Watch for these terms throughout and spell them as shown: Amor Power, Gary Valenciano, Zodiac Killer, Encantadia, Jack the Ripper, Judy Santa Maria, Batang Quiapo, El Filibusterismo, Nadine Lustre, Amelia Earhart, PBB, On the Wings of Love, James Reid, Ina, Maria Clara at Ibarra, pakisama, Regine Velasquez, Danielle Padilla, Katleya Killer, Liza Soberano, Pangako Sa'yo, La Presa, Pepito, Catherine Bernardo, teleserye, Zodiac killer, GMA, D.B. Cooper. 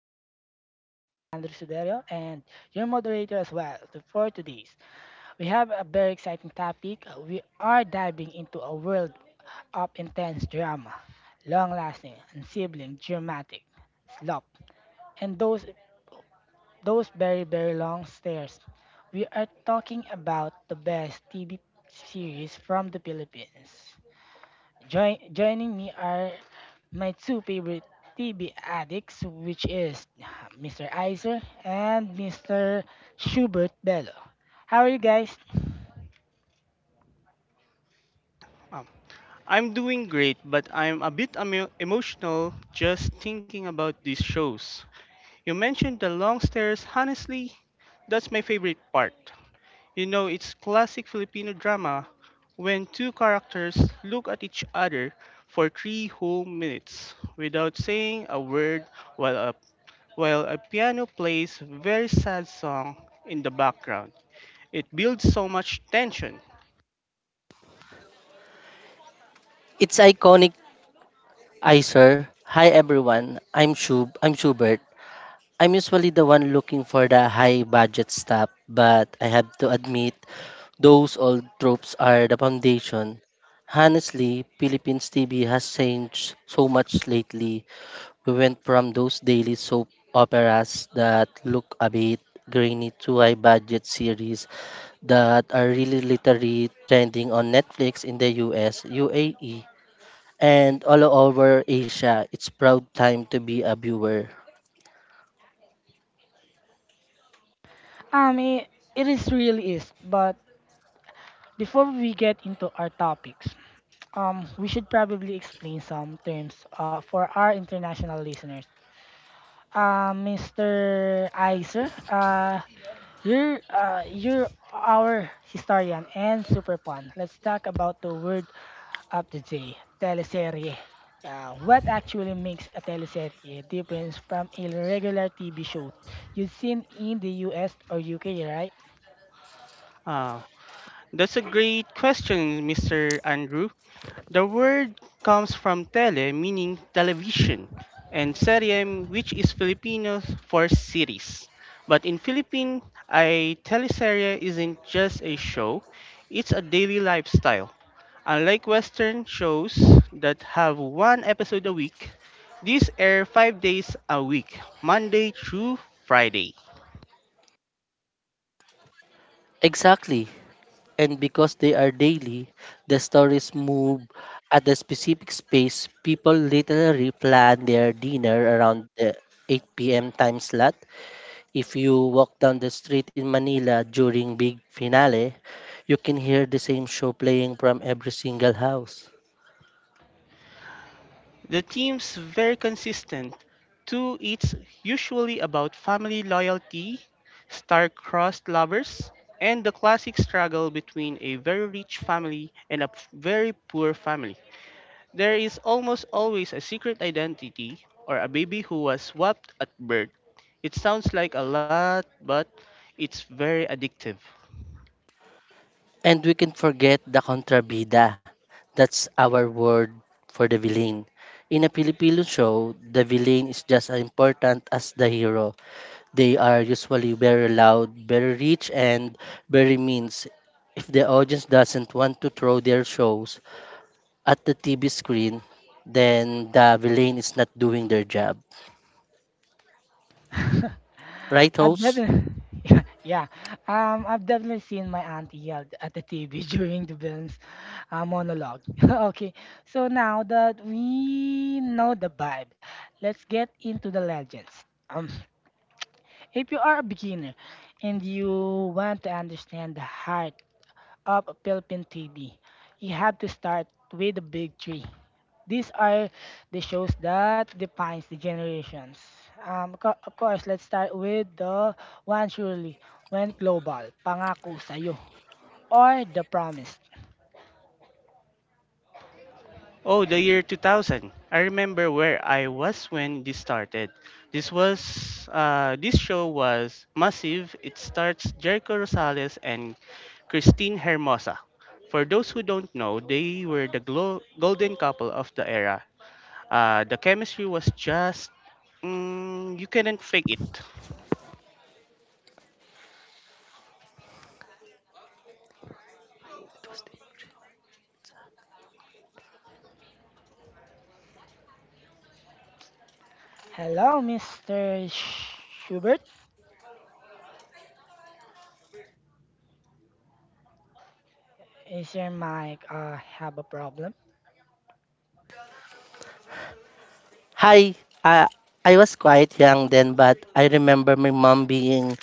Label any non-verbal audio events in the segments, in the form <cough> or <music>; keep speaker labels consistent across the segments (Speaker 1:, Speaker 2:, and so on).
Speaker 1: Screen. I'm your host, Andrew Suderio, and your moderator as well. So for today's, we have a very exciting topic. We are diving into a world of intense drama, long-lasting, unsibling, dramatic, slop, and those very long stairs. We are talking about the best TV series from the Philippines. Joining me are my two favorite TV addicts, which is Mr. Iser and Mr. Schubert Bello. How are you guys?
Speaker 2: Um, I'm doing great, but I'm a bit emotional just thinking about these shows. You mentioned the long stairs. Honestly, that's my favorite part. You know, it's classic Filipino drama when two characters look at each other for 3 whole minutes without saying a word while a, while a piano plays a very sad song in the background. It builds so much tension.
Speaker 3: It's iconic, I sir. Hi everyone. I'm Shub. I'm Schubert. I'm usually the one looking for the high budget stuff, but I have to admit those old tropes are the foundation. Honestly, Philippines TV has changed so much lately. We went from those daily soap operas that look a bit grainy to high budget series that are really literally trending on Netflix in the US, UAE, and all over Asia. It's proud time to be a viewer.
Speaker 1: Um, it, it is really is, but before we get into our topics, we should probably explain some terms for our international listeners. Mr. Iser, you're our historian and super fun. Let's talk about the word of the day, teleserye. What actually makes a teleserye different from a regular TV show you've seen in the US or UK, right?
Speaker 2: Uh, that's a great question, Mr. Andrew. The word comes from tele, meaning television, and serie, which is Filipino for series. But in Philippines, a teleserie isn't just a show, it's a daily lifestyle. Unlike Western shows that have one episode a week, these air five days a week, Monday through Friday.
Speaker 3: Exactly. And because they are daily, the stories move at a specific space. People literally plan their dinner around the 8 p.m. time slot. If you walk down the street in Manila during big finale, you can hear the same show playing from every single house.
Speaker 2: The team's very consistent. Two it's usually about family loyalty, star-crossed lovers, and the classic struggle between a very rich family and a very poor family. There is almost always a secret identity or a baby who was swapped at birth. It sounds like a lot, but it's very addictive.
Speaker 3: And we can forget the contrabida. That's our word for the villain. In a Filipino show, the villain is just as important as the hero. They are usually very loud, very rich, and very mean. If the audience doesn't want to throw their shows at the TV screen, then the villain is not doing their job.
Speaker 1: <laughs>
Speaker 3: Right,
Speaker 1: I've
Speaker 3: host?
Speaker 1: definitely, <laughs> yeah, yeah. I've definitely seen my auntie yelled at the TV <laughs> during the villain's monologue. <laughs> Okay, so now that we know the vibe, let's get into the legends. If you are a beginner and you want to understand the heart of Philippine TV, you have to start with the big three. These are the shows that defines the generations. Of course, let's start with the one surely went global, Pangako Sa'yo, or The Promised.
Speaker 2: Oh, the year 2000. I remember where I was when this started. This was this show was massive. It starts Jericho Rosales and Christine Hermosa. For those who don't know, they were the golden couple of the era. The chemistry was just mm, you couldn't fake it.
Speaker 1: Hello, Mr. Schubert. Is your mic have a problem?
Speaker 3: Hi, uh, I was quite young then, but I remember my mom being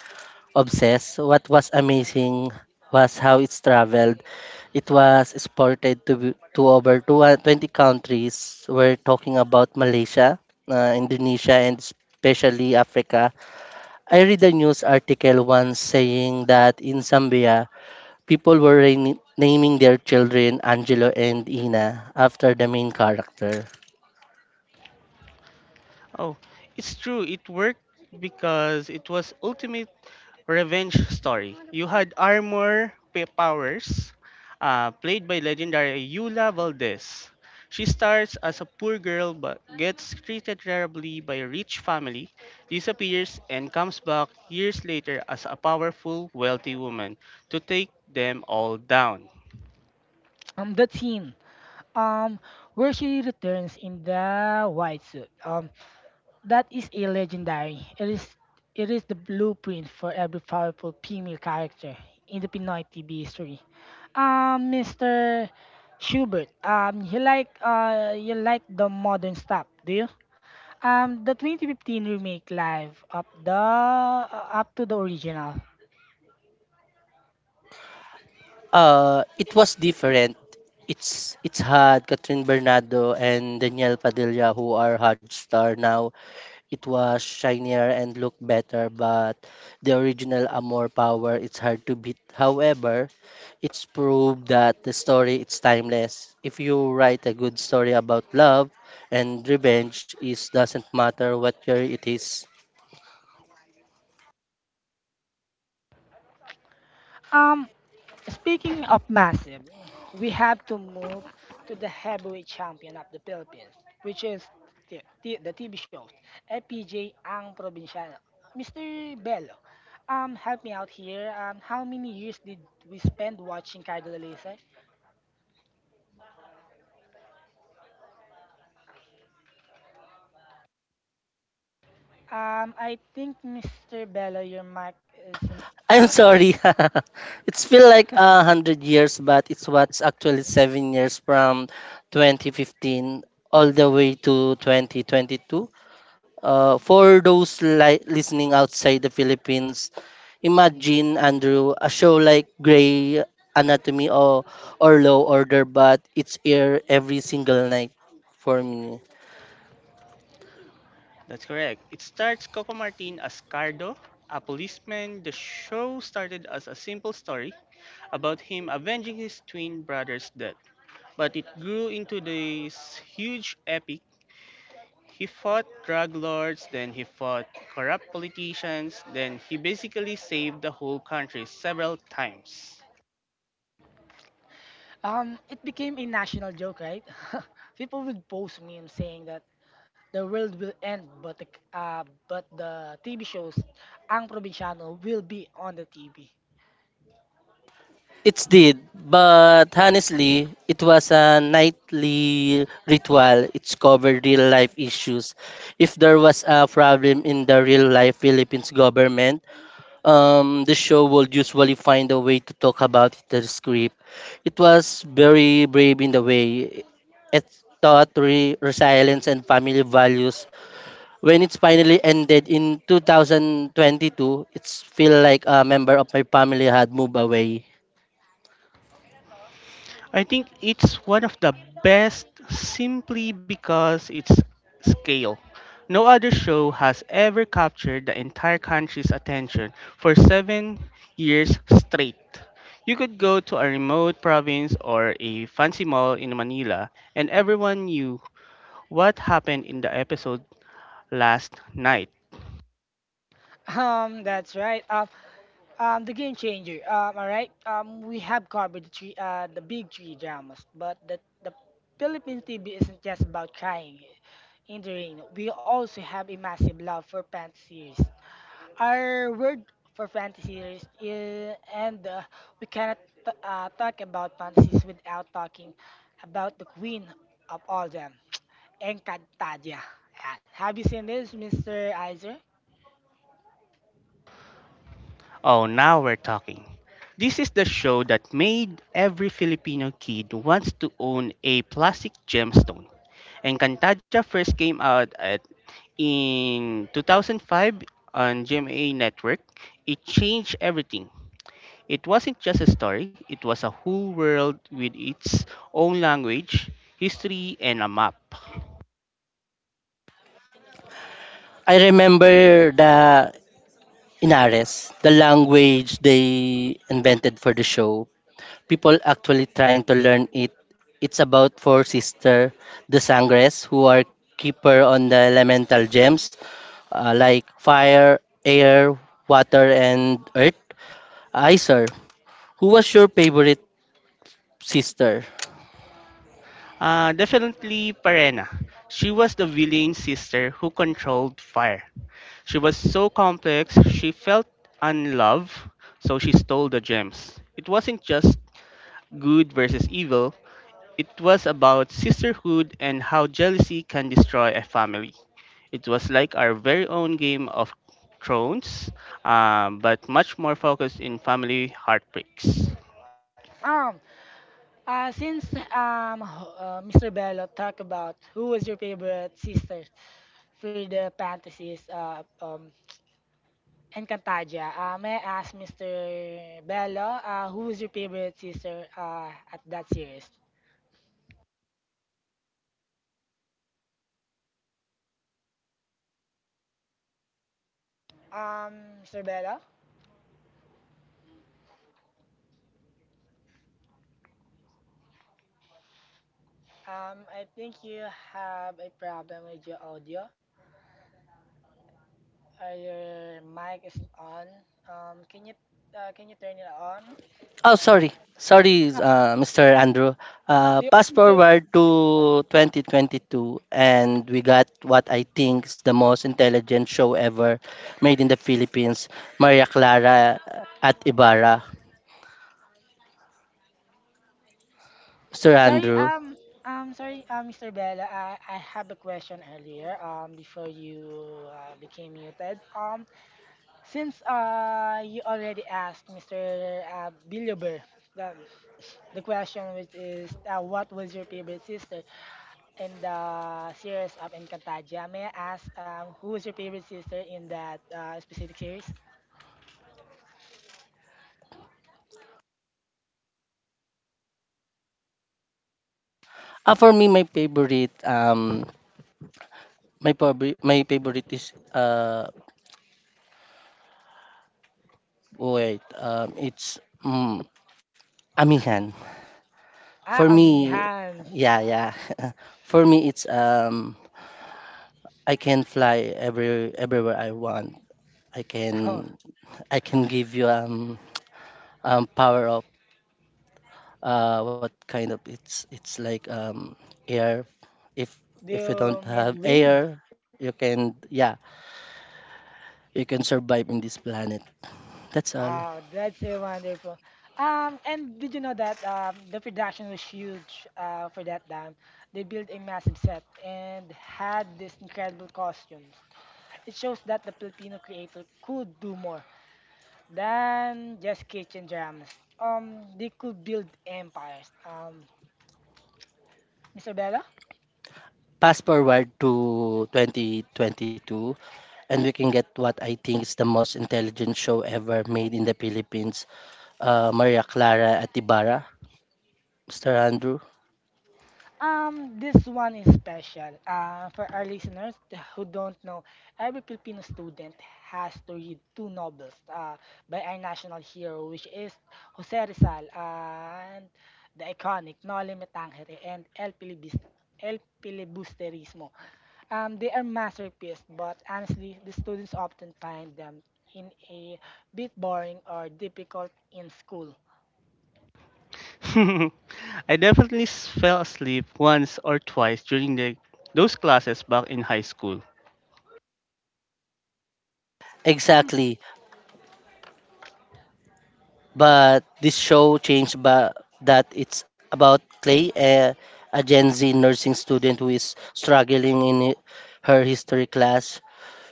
Speaker 3: obsessed. What was amazing was how it's traveled. It was exported to over two hundred 20 countries. We're talking about Malaysia, Indonesia, and especially Africa. I read a news article once saying that in Zambia, people were naming their children Angelo and Ina after the main character.
Speaker 2: Oh, it's true. It worked because it was ultimate revenge story. You had armor powers, played by legendary Yula Valdez. She starts as a poor girl but gets treated terribly by a rich family, disappears, and comes back years later as a powerful, wealthy woman to take them all down.
Speaker 1: The teen, um, where she returns in the white suit. That is a legendary. It is the blueprint for every powerful female character in the Pinoy TV history. Mr. Schubert, you like the modern stuff, do you? The 2015 remake live up the up to the original.
Speaker 3: It was different. It's had Catherine Bernardo and Danielle Padilla who are hard star now. It was shinier and looked better, but the original Amor Power it's hard to beat. However, it's proved that the story it's timeless. If you write a good story about love and revenge, it doesn't matter what year it is.
Speaker 1: Um, Speaking of massive, we have to move to the heavyweight champion of the Philippines, which is the TV show, FPJ Ang Provinciano. Mister Bello, help me out here. How many years did we spend watching Cardo Lalese? I think Mister Bello, your mic isn't
Speaker 3: I'm
Speaker 1: on.
Speaker 3: sorry. <laughs> it's feel like a hundred years, but it's what's actually 7 years from 2015 all the way to 2022. For those listening outside the Philippines, imagine Andrew a show like Grey Anatomy or Low Order, but it's air every single night for me.
Speaker 2: That's correct. It starts Coco Martin as Cardo, a policeman. The show started as a simple story about him avenging his twin brother's death, but it grew into this huge epic. He fought drug lords, then he fought corrupt politicians, then he basically saved the whole country several times.
Speaker 1: It became a national joke, right? <laughs> People would post memes saying that the world will end, but uh, the TV shows, Ang Provinciano will be on the TV. <laughs>
Speaker 3: It's did, but honestly, it was a nightly ritual. It's covered real life issues. If there was a problem in the real life Philippines government, the show would usually find a way to talk about it in the script. It was very brave in the way it taught resilience and family values. When it's finally ended in 2022, it's feel like a member of my family had moved away.
Speaker 2: I think it's one of the best simply because its scale. No other show has ever captured the entire country's attention for seven years straight. You could go to a remote province or a fancy mall in Manila, and everyone knew what happened in the episode last night.
Speaker 1: That's right. The game changer. All right. We have covered the big three dramas, but the Philippine TV isn't just about crying in the rain. We also have a massive love for fantasy series. Our word for fantasies is, and we cannot talk about fantasies without talking about the queen of all them, <tsk> Encantadia. Ayan. Have you seen this, Mr. Iser?
Speaker 2: Oh, now we're talking. This is the show that made every Filipino kid wants to own a plastic gemstone. Encantaja first came out at in 2005 on GMA network. It changed everything. It wasn't just a story, it was a whole world with its own language, history, and a map.
Speaker 3: I remember the Inares, the language they invented for the show. People actually trying to learn it. It's about four sister, the Sangres, who are keeper on the elemental gems like fire, air, water, and earth. I, who was your favorite sister?
Speaker 2: Definitely Parena. She was the villain sister who controlled fire. She was so complex, she felt unloved, so she stole the gems. It wasn't just good versus evil. It was about sisterhood and how jealousy can destroy a family. It was like our very own Game of Thrones, but much more focused in family heartbreaks.
Speaker 1: Um, since Mr. Bello talked about who was your favorite sister for the fantasies Encantadia, may I ask Mr. Bello, who was your favorite sister at that series? Sir Bella, I think you have a problem with your audio. Your mic is on. Um, can you can you turn it on?
Speaker 3: Oh,
Speaker 1: Or
Speaker 3: sorry. Sorry,
Speaker 1: Ah,
Speaker 3: Mr. Andrew.
Speaker 1: do you
Speaker 3: Fast
Speaker 1: want me to.
Speaker 3: forward to 2022, and we got what I think is the most intelligent show ever made in the Philippines, Maria Clara at Ibarra. Mr.
Speaker 1: Sorry,
Speaker 3: Andrew.
Speaker 1: um, sorry, Mr. Bella, I have a question earlier, before you became muted. Since you already asked Mr. Biluber the, the question, which is what was your favorite sister in the series of Encantadia? May I ask who is your favorite sister in that specific series?
Speaker 3: For me, my favorite, my, probably, my favorite is, wait, it's Amihan. For me,
Speaker 1: Amihan.
Speaker 3: yeah, yeah. <laughs> for me, it's I can fly everywhere I want. I
Speaker 1: <laughs> Oh,
Speaker 3: can I can give you power of what kind of it's like air. If
Speaker 1: do
Speaker 3: if you
Speaker 1: you
Speaker 3: don't have
Speaker 1: mean wind?
Speaker 3: air, you can yeah, you can survive in this planet. That's all.
Speaker 1: Oh, that's a wonderful. And did you know that the production was huge for that time? They built a massive set and had these incredible costumes. It shows that the Filipino creator could do more than just kitchen dramas. They could build empires. Mr. Bella?
Speaker 3: Fast forward to 2022, and we can get what I think is the most intelligent show ever made in the Philippines. Maria Clara Atibara, Mr. Andrew.
Speaker 1: This one is special. For our listeners who don't know, every Filipino student has to read two novels by our national hero, which is Jose Rizal and the iconic Noli Me Tangere and El Filibusterismo. They are masterpieces, but honestly, the students often find them in a bit boring or difficult in school.
Speaker 2: <laughs> I definitely fell asleep once or twice during those classes back in high school.
Speaker 1: Um,
Speaker 3: Exactly. But this show changed that it's about Clay, a Gen Z nursing student who is struggling in her history class.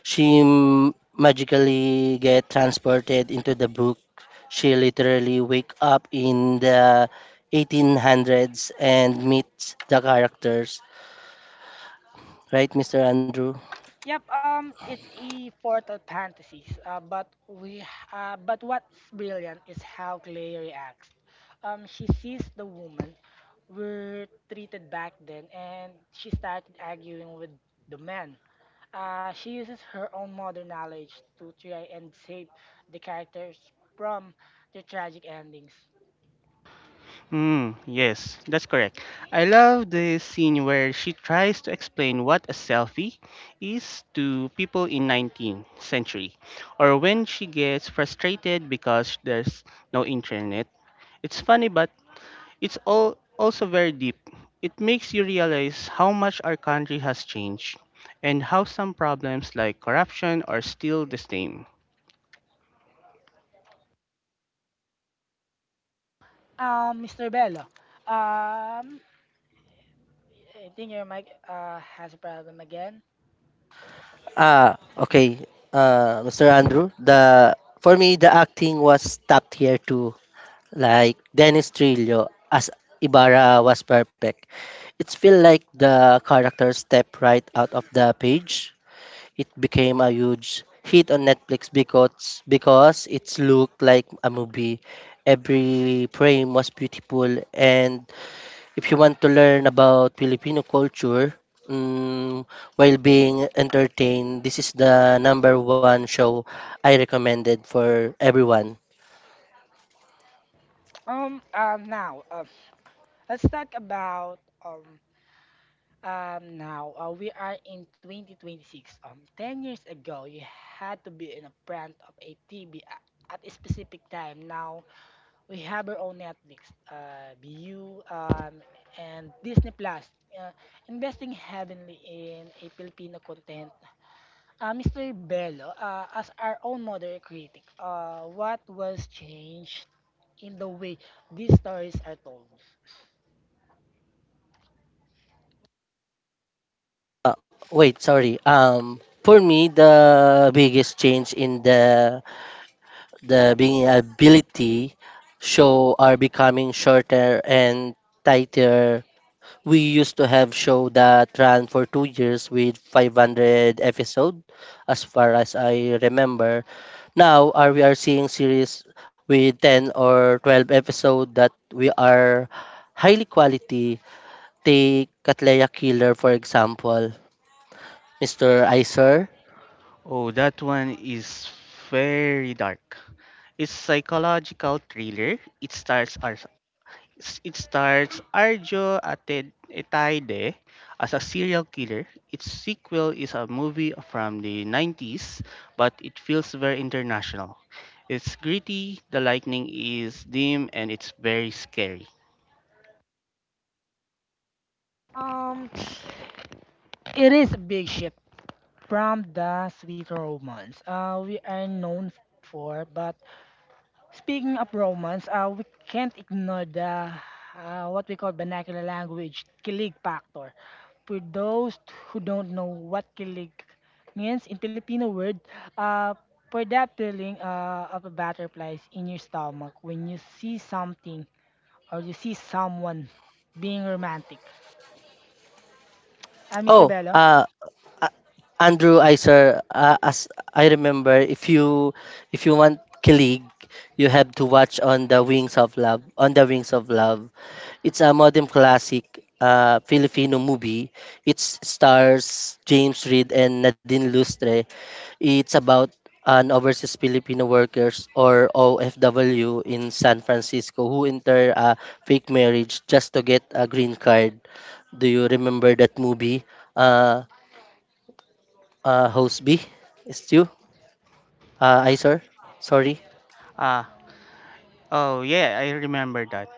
Speaker 3: She magically get transported into the book. She literally wake up in the 1800s and meets the characters. Right, Mr. Andrew?
Speaker 1: Yep, it's a Portal Fantasies, but what's brilliant is how Clay reacts. She sees the woman were treated back then, and she started arguing with the men. She uses her own modern knowledge to try and save the characters from their tragic endings.
Speaker 2: Mm, yes, that's correct. I love the scene where she tries to explain what a selfie is to people in 19th century or when she gets frustrated because there's no internet. It's funny but it's all also very deep. It makes you realize how much our country has changed and how some problems like corruption are still the same.
Speaker 1: Mr. Bello, um, I think your mic has a problem again.
Speaker 3: Ah, okay. Mr. Andrew, the for me the acting was top tier too. Like Dennis Trillo as Ibarra was perfect. It felt like the character stepped right out of the page. It became a huge hit on Netflix because it looked like a movie. Every frame was beautiful, and if you want to learn about Filipino culture mm, while being entertained, this is the number one show I recommended for everyone.
Speaker 1: Now, let's talk about. Um now We are in 2026. 10 years ago you had to be in a front of a TV at a specific time. Now we have our own Netflix, bu and Disney Plus, uh, investing heavily in a Filipino content. Mr. Bello, as our own modern critic, what was changed in the way these stories are told?
Speaker 3: Wait, sorry. For me, the biggest change in the being ability show are becoming shorter and tighter. We used to have show that ran for 2 years with 500 episode, as far as I remember. Now, are we are seeing series with 10 or 12 episode that we are highly quality. Take Katleya Killer, for example. Mr. Iser.
Speaker 2: Oh, that one is very dark. It's psychological thriller. It stars Arjo Etaide as a serial killer. Its sequel is a movie from the 90s, but it feels very international. It's gritty, the lightning is dim, and it's very scary.
Speaker 1: Um, It is a big shift from the sweet romance we are known for. But speaking of romance, we can't ignore the what we call vernacular language, kilig factor. For those who don't know what kilig means in Filipino word, uh, for that feeling of a butterflies in your stomach when you see something or you see someone being romantic. Mister
Speaker 3: Oh,
Speaker 1: Bello?
Speaker 3: A- Andrew Iser, as I remember, if you want Kilig, you have to watch on the Wings of Love. On the Wings of Love, it's a modern classic Filipino movie. It stars James Reid and Nadine Lustre. It's about an overseas Filipino workers or OFW in San Francisco who enter a fake marriage just to get a green card. Do you remember that movie? Uh, Host B? Stu? I, sir? Sorry.
Speaker 2: Ah, oh yeah, I remember that.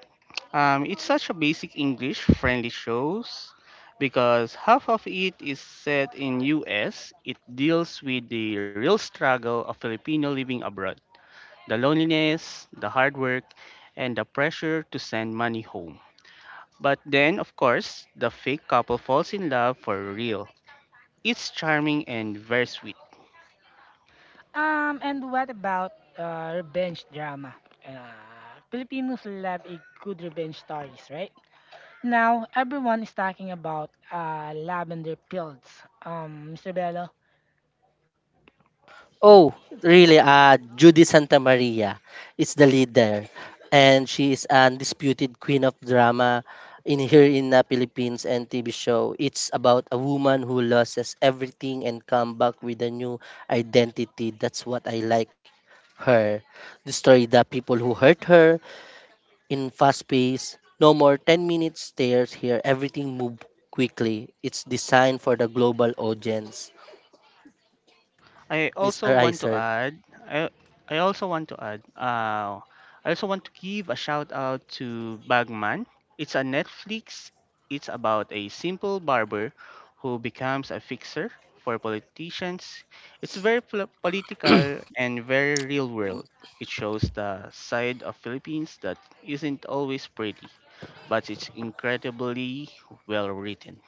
Speaker 2: It's such a basic English friendly shows because half of it is set in US. It deals with the real struggle of Filipino living abroad, the loneliness, the hard work, and the pressure to send money home. But then, of course, the fake couple falls in love for real. It's charming and very sweet.
Speaker 1: And what about revenge drama? Filipinos love a good revenge stories, right? Now, everyone is talking about lavender pills. Mr. Bello.
Speaker 3: Oh, really? Judy Santa Maria is the leader, and she is undisputed queen of drama in here in the Philippines and TV show. It's about a woman who loses everything and come back with a new identity. That's what I like her. Destroy the people who hurt her in fast pace. No more 10-minute stares here. Everything move quickly. It's designed for the global audience.
Speaker 2: I also
Speaker 3: Mr.
Speaker 2: want to
Speaker 3: Iser.
Speaker 2: add, I, I also want to add, I also want to give a shout out to Bagman. It's a Netflix. It's about a simple barber who becomes a fixer for politicians. It's very political and very real world. It shows the side of Philippines that isn't always pretty, but it's incredibly well written.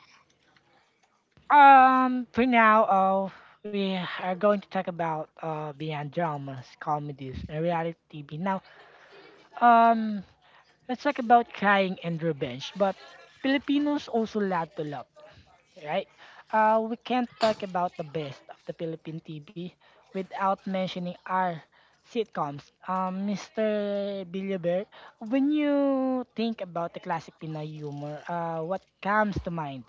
Speaker 1: For now, we are going to talk about beyond dramas, comedies, and reality TV. Now, um, let's talk about crying and revenge, but Filipinos also love to love, right? We can't talk about the best of the Philippine TV without mentioning our sitcoms. Mr. Billionaire, when you think about the classic Pinay humor, what comes to mind?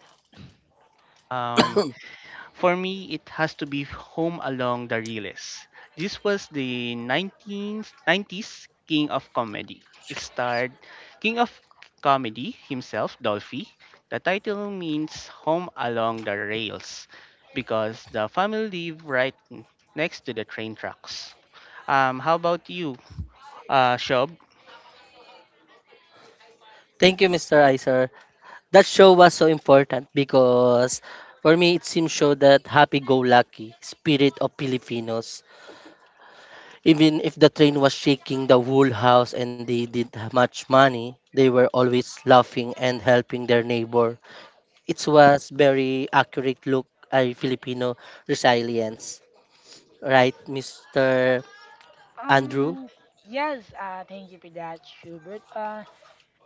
Speaker 2: Um,
Speaker 3: <coughs>
Speaker 2: For me, it has to be Home Along the Realest. This was the 1990s King of Comedy. It starred King of Comedy himself, Dolphy. The title means Home Along the Rails because the family lived right next to the train tracks. How about you, Shob?
Speaker 3: Thank you, Mr. Iser. That show was so important because for me, it seems show that happy-go-lucky spirit of Filipinos. Even if the train was shaking the whole house and they didn't have much money, they were always laughing and helping their neighbor. It was very accurate look at Filipino resilience. Right, Mr. Andrew?
Speaker 1: Um, yes, thank you for that, Schubert. Uh,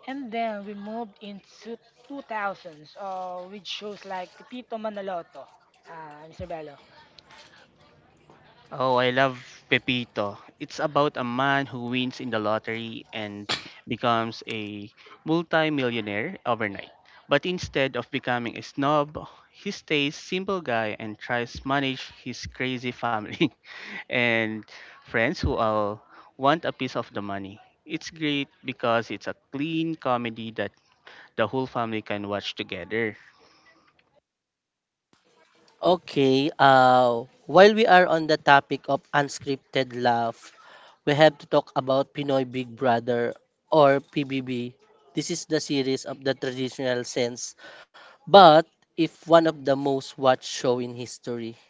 Speaker 1: and then we moved into 2000s with shows like Pepito Manaloto, Mr. Bello.
Speaker 2: Oh, I love Pepito. It's about a man who wins in the lottery and becomes a multi-millionaire overnight. But instead of becoming a snob, he stays simple guy and tries manage his crazy family <laughs> and friends who all want a piece of the money. It's great because it's a clean comedy that the whole family can watch together.
Speaker 3: Okay, while we are on the topic of unscripted laugh, we have to talk about Pinoy Big Brother or PBB. This is the series of the traditional sense, but if one of the most watched show in history.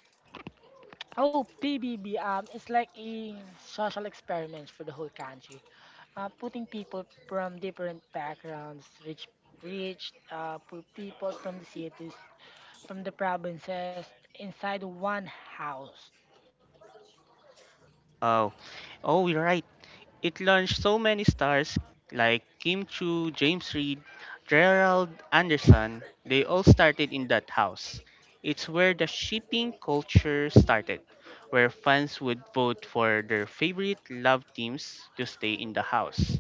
Speaker 1: Oh, PBB, it's like a social experiment for the whole country. Putting people from different backgrounds, rich, poor people from the cities, from the provinces, inside one house.
Speaker 2: Oh, oh, you're right. It launched so many stars like Kim Chu, James Reid, Gerald Anderson. They all started in that house. It's where the shipping culture started, where fans would vote for their favorite love teams to stay in the house.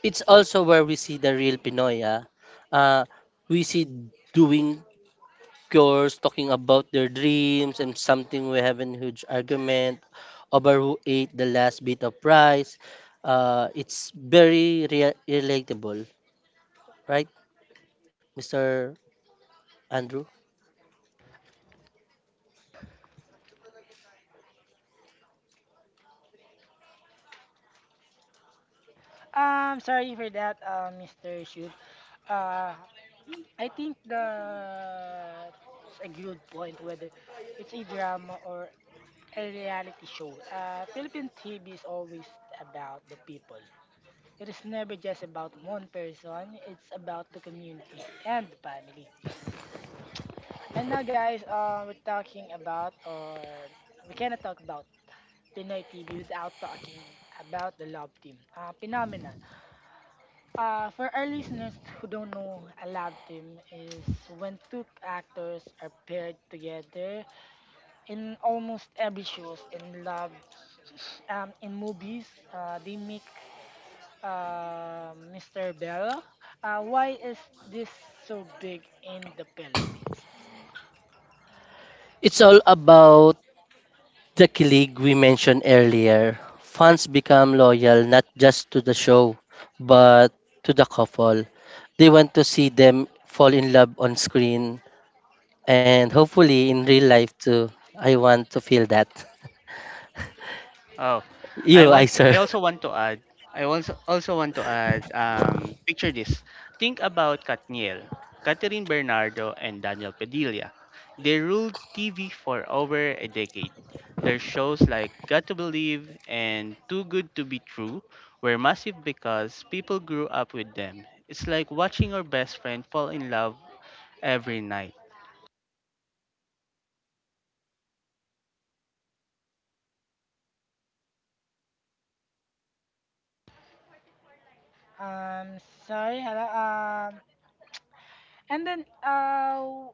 Speaker 3: It's also where we see the real Pinoy. Ah. Uh, we see doing course, talking about their dreams and something we have a huge argument over who ate the last bit of rice. It's very relatable, right, Mr. Andrew?
Speaker 1: Sorry for that, Mr. Shub. Uh, I think that's a good point whether it's a drama or a reality show. Philippine TV is always about the people. It is never just about one person. It's about the community and the family. And now, guys, we cannot talk about Pinoy TV without talking about the love team. Phenomenon. For our listeners who don't know, a lab team is when two actors are paired together in almost every shows in lab, <laughs> in movies. They make Mr. Bell. Why is this so big in the Philippines?
Speaker 3: It's all about the kilig we mentioned earlier. Fans become loyal not just to the show, but to the couple. They want to see them fall in love on screen and hopefully in real life too. I want to feel that. <laughs>
Speaker 2: Oh, I
Speaker 3: You,
Speaker 2: want.
Speaker 3: I
Speaker 2: I
Speaker 3: sir.
Speaker 2: also want to add. I also also want to add. Picture this. Think about Katniel, Catherine Bernardo, and Daniel Padilla. They ruled TV for over a decade. Their shows like Got to Believe and Too Good to Be True were massive because people grew up with them. It's like watching your best friend fall in love every night.
Speaker 1: Sorry, hello. Um, and then uh,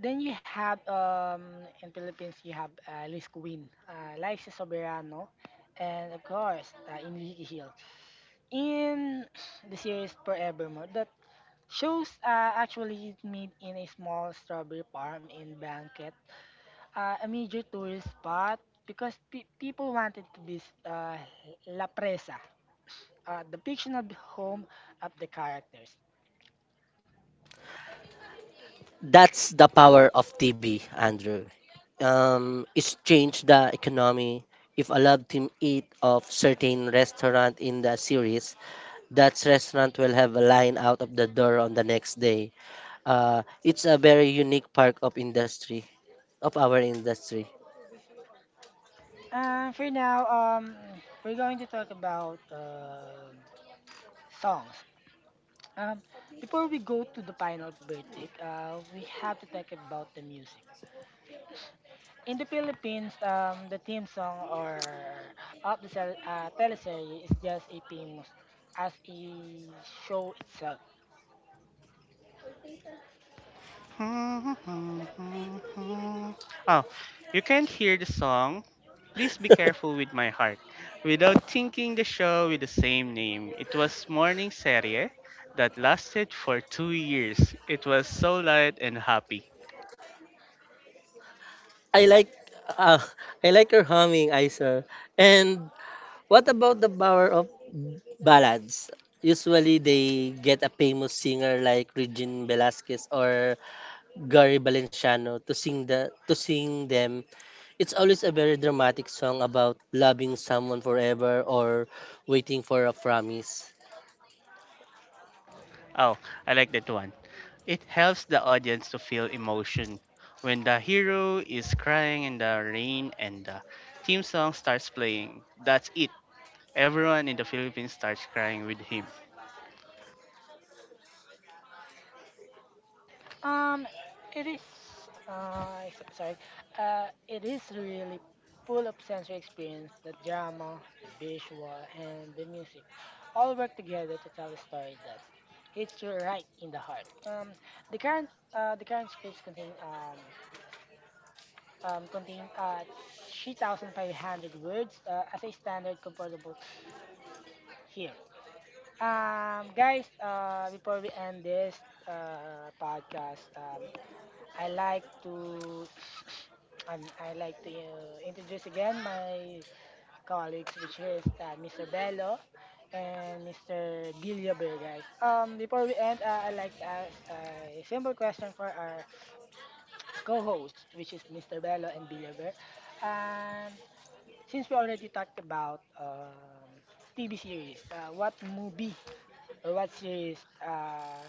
Speaker 1: Then you have in Philippines you have Liz Queen, Liza Soberano, and of course Enrique Hill. In the series Forevermore, that shows actually made in a small strawberry farm in Blanket, a major tourist spot because people wanted to visit La Presa, the fictional home of the characters.
Speaker 3: That's the power of TB, Andrew. It's changed the economy. If a lab team eat of certain restaurant in the series, that restaurant will have a line out of the door on the next day. It's a very unique part of industry of our industry.
Speaker 1: For now, we're going to talk about songs. Um, Before we go to the final verdict, we have to talk about the music. In the Philippines, the theme song or of the sel- teleserye is just a famous as a show itself.
Speaker 2: <laughs> Oh, you can't hear the song. Please be careful with my heart. Without thinking the show with the same name. It was morning serie that lasted for two years. It was so light and happy.
Speaker 3: I like uh, <laughs> I like her humming, Isa. And what about the power of ballads? Usually they get a famous singer like Regine Velasquez or Gary Valenciano to sing them. It's always a very dramatic song about loving someone forever or waiting for a promise.
Speaker 2: Oh, I like that one. It helps the audience to feel emotion. When the hero is crying in the rain and the theme song starts playing, that's it. Everyone in the Philippines starts crying with him.
Speaker 1: Um, it is. Sorry. It is really full of sensory experience. The drama, the visual, and the music all work together to tell a story that hits you right in the heart. The current scripts contain 3,500 words as a standard composable here. Guys, before we end this podcast, I like to <sniffs> I like to introduce again my colleagues, which is Mr. Bello and Mr. Biliober, guys. Before we end, I'd like to ask a simple question for our co-host, which is Mr. Bello and Biliober. Um, since we already talked about TV series, what movie or what series uh,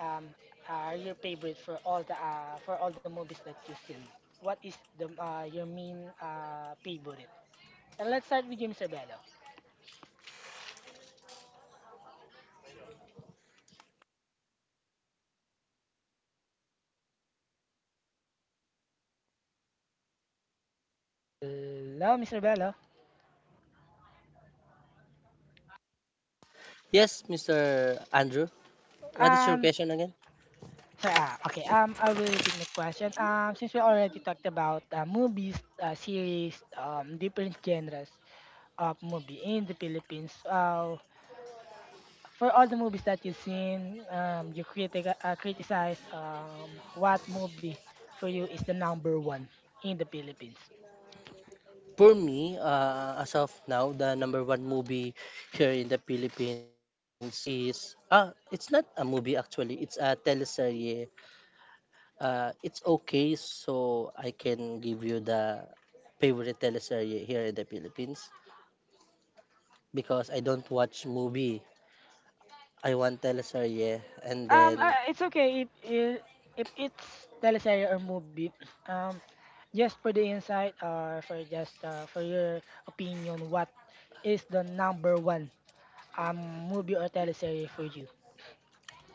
Speaker 1: um, are your favorite for all the movies that you've seen? What is the your main favorite? And let's start with you, Mr. Bello. Hello, Mister Bello.
Speaker 3: Yes, Mr. Andrew, what is your
Speaker 1: Um,
Speaker 3: question again?
Speaker 1: so, okay. I will repeat my question. Since we already talked about movies, series, different genres of movie in the Philippines. For all the movies that you've seen, you criticize what movie for you is the number one in the Philippines?
Speaker 3: For me, as of now, the number one movie here in the Philippines is, it's not a movie actually. It's a teleserye. It's okay, so I can give you the favorite teleserye here in the Philippines. Because I don't watch movie. I want teleserye and then
Speaker 1: It's okay if it's teleserye or movie. <clears throat> Um, just for the insight or for just for your opinion, what is the number one movie or teleserye for you?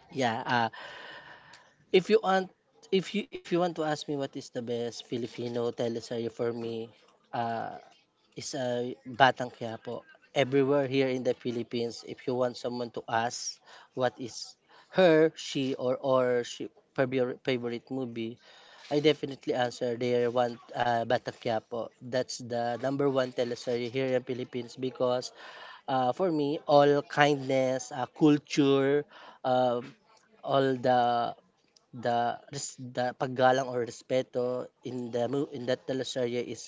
Speaker 3: yeah, if you want if you want to ask me what is the best Filipino teleserye for me, uh is Batang Quiapo. Everywhere here in the Philippines, if you want someone to ask what is her, she or she favorite movie, I definitely answer their one Batang Quiapo. That's the number one teleserye here in Philippines because for me, all kindness, culture, um, all the the paggalang or respeto in the in that teleserye is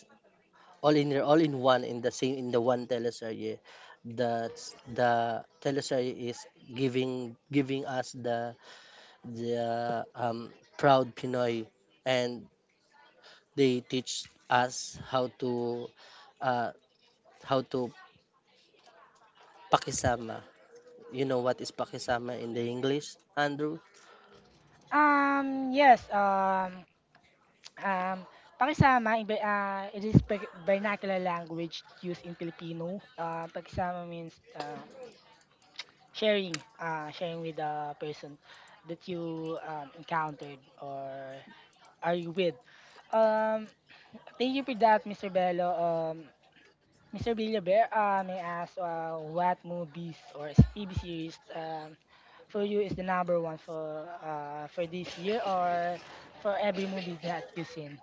Speaker 3: all in there, all in one in the same in the one teleserye. That's the teleserye is giving us the proud Pinoy, and they teach us how to uh, how to pakisama. You know what is pakisama in the English, Andrew?
Speaker 1: Yes. Um, Pakisama, it is vernacular language used in Filipino. Pakisama means sharing with the person that you encountered or are you with. Um, Thank you for that, Mr. Bello. Mr. Villaber, may I ask what movies or TV series for you is the number one for this year or for every movie that you've seen?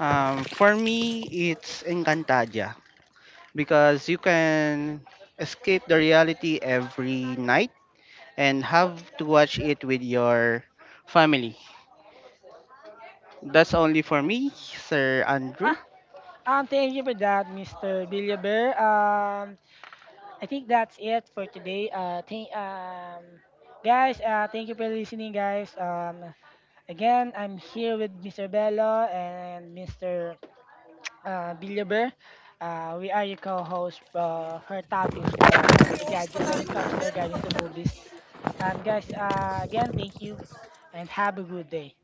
Speaker 2: For me, it's Encantadia because you can escape the reality every night and have to watch it with your family. That's only for me, Sir Andrew.
Speaker 1: Thank you for that, Mr. Billaber. I think that's it for today. Thank guys. Thank you for listening, guys. Again, I'm here with Mr. Bello and Mr. Billaber. We are your co-host for topics the regarding when it comes to regarding to movies. Guys. Again, thank you, and have a good day.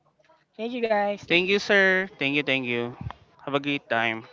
Speaker 1: Thank you, guys.
Speaker 2: Thank you, sir. Thank you, thank you. Have a great time.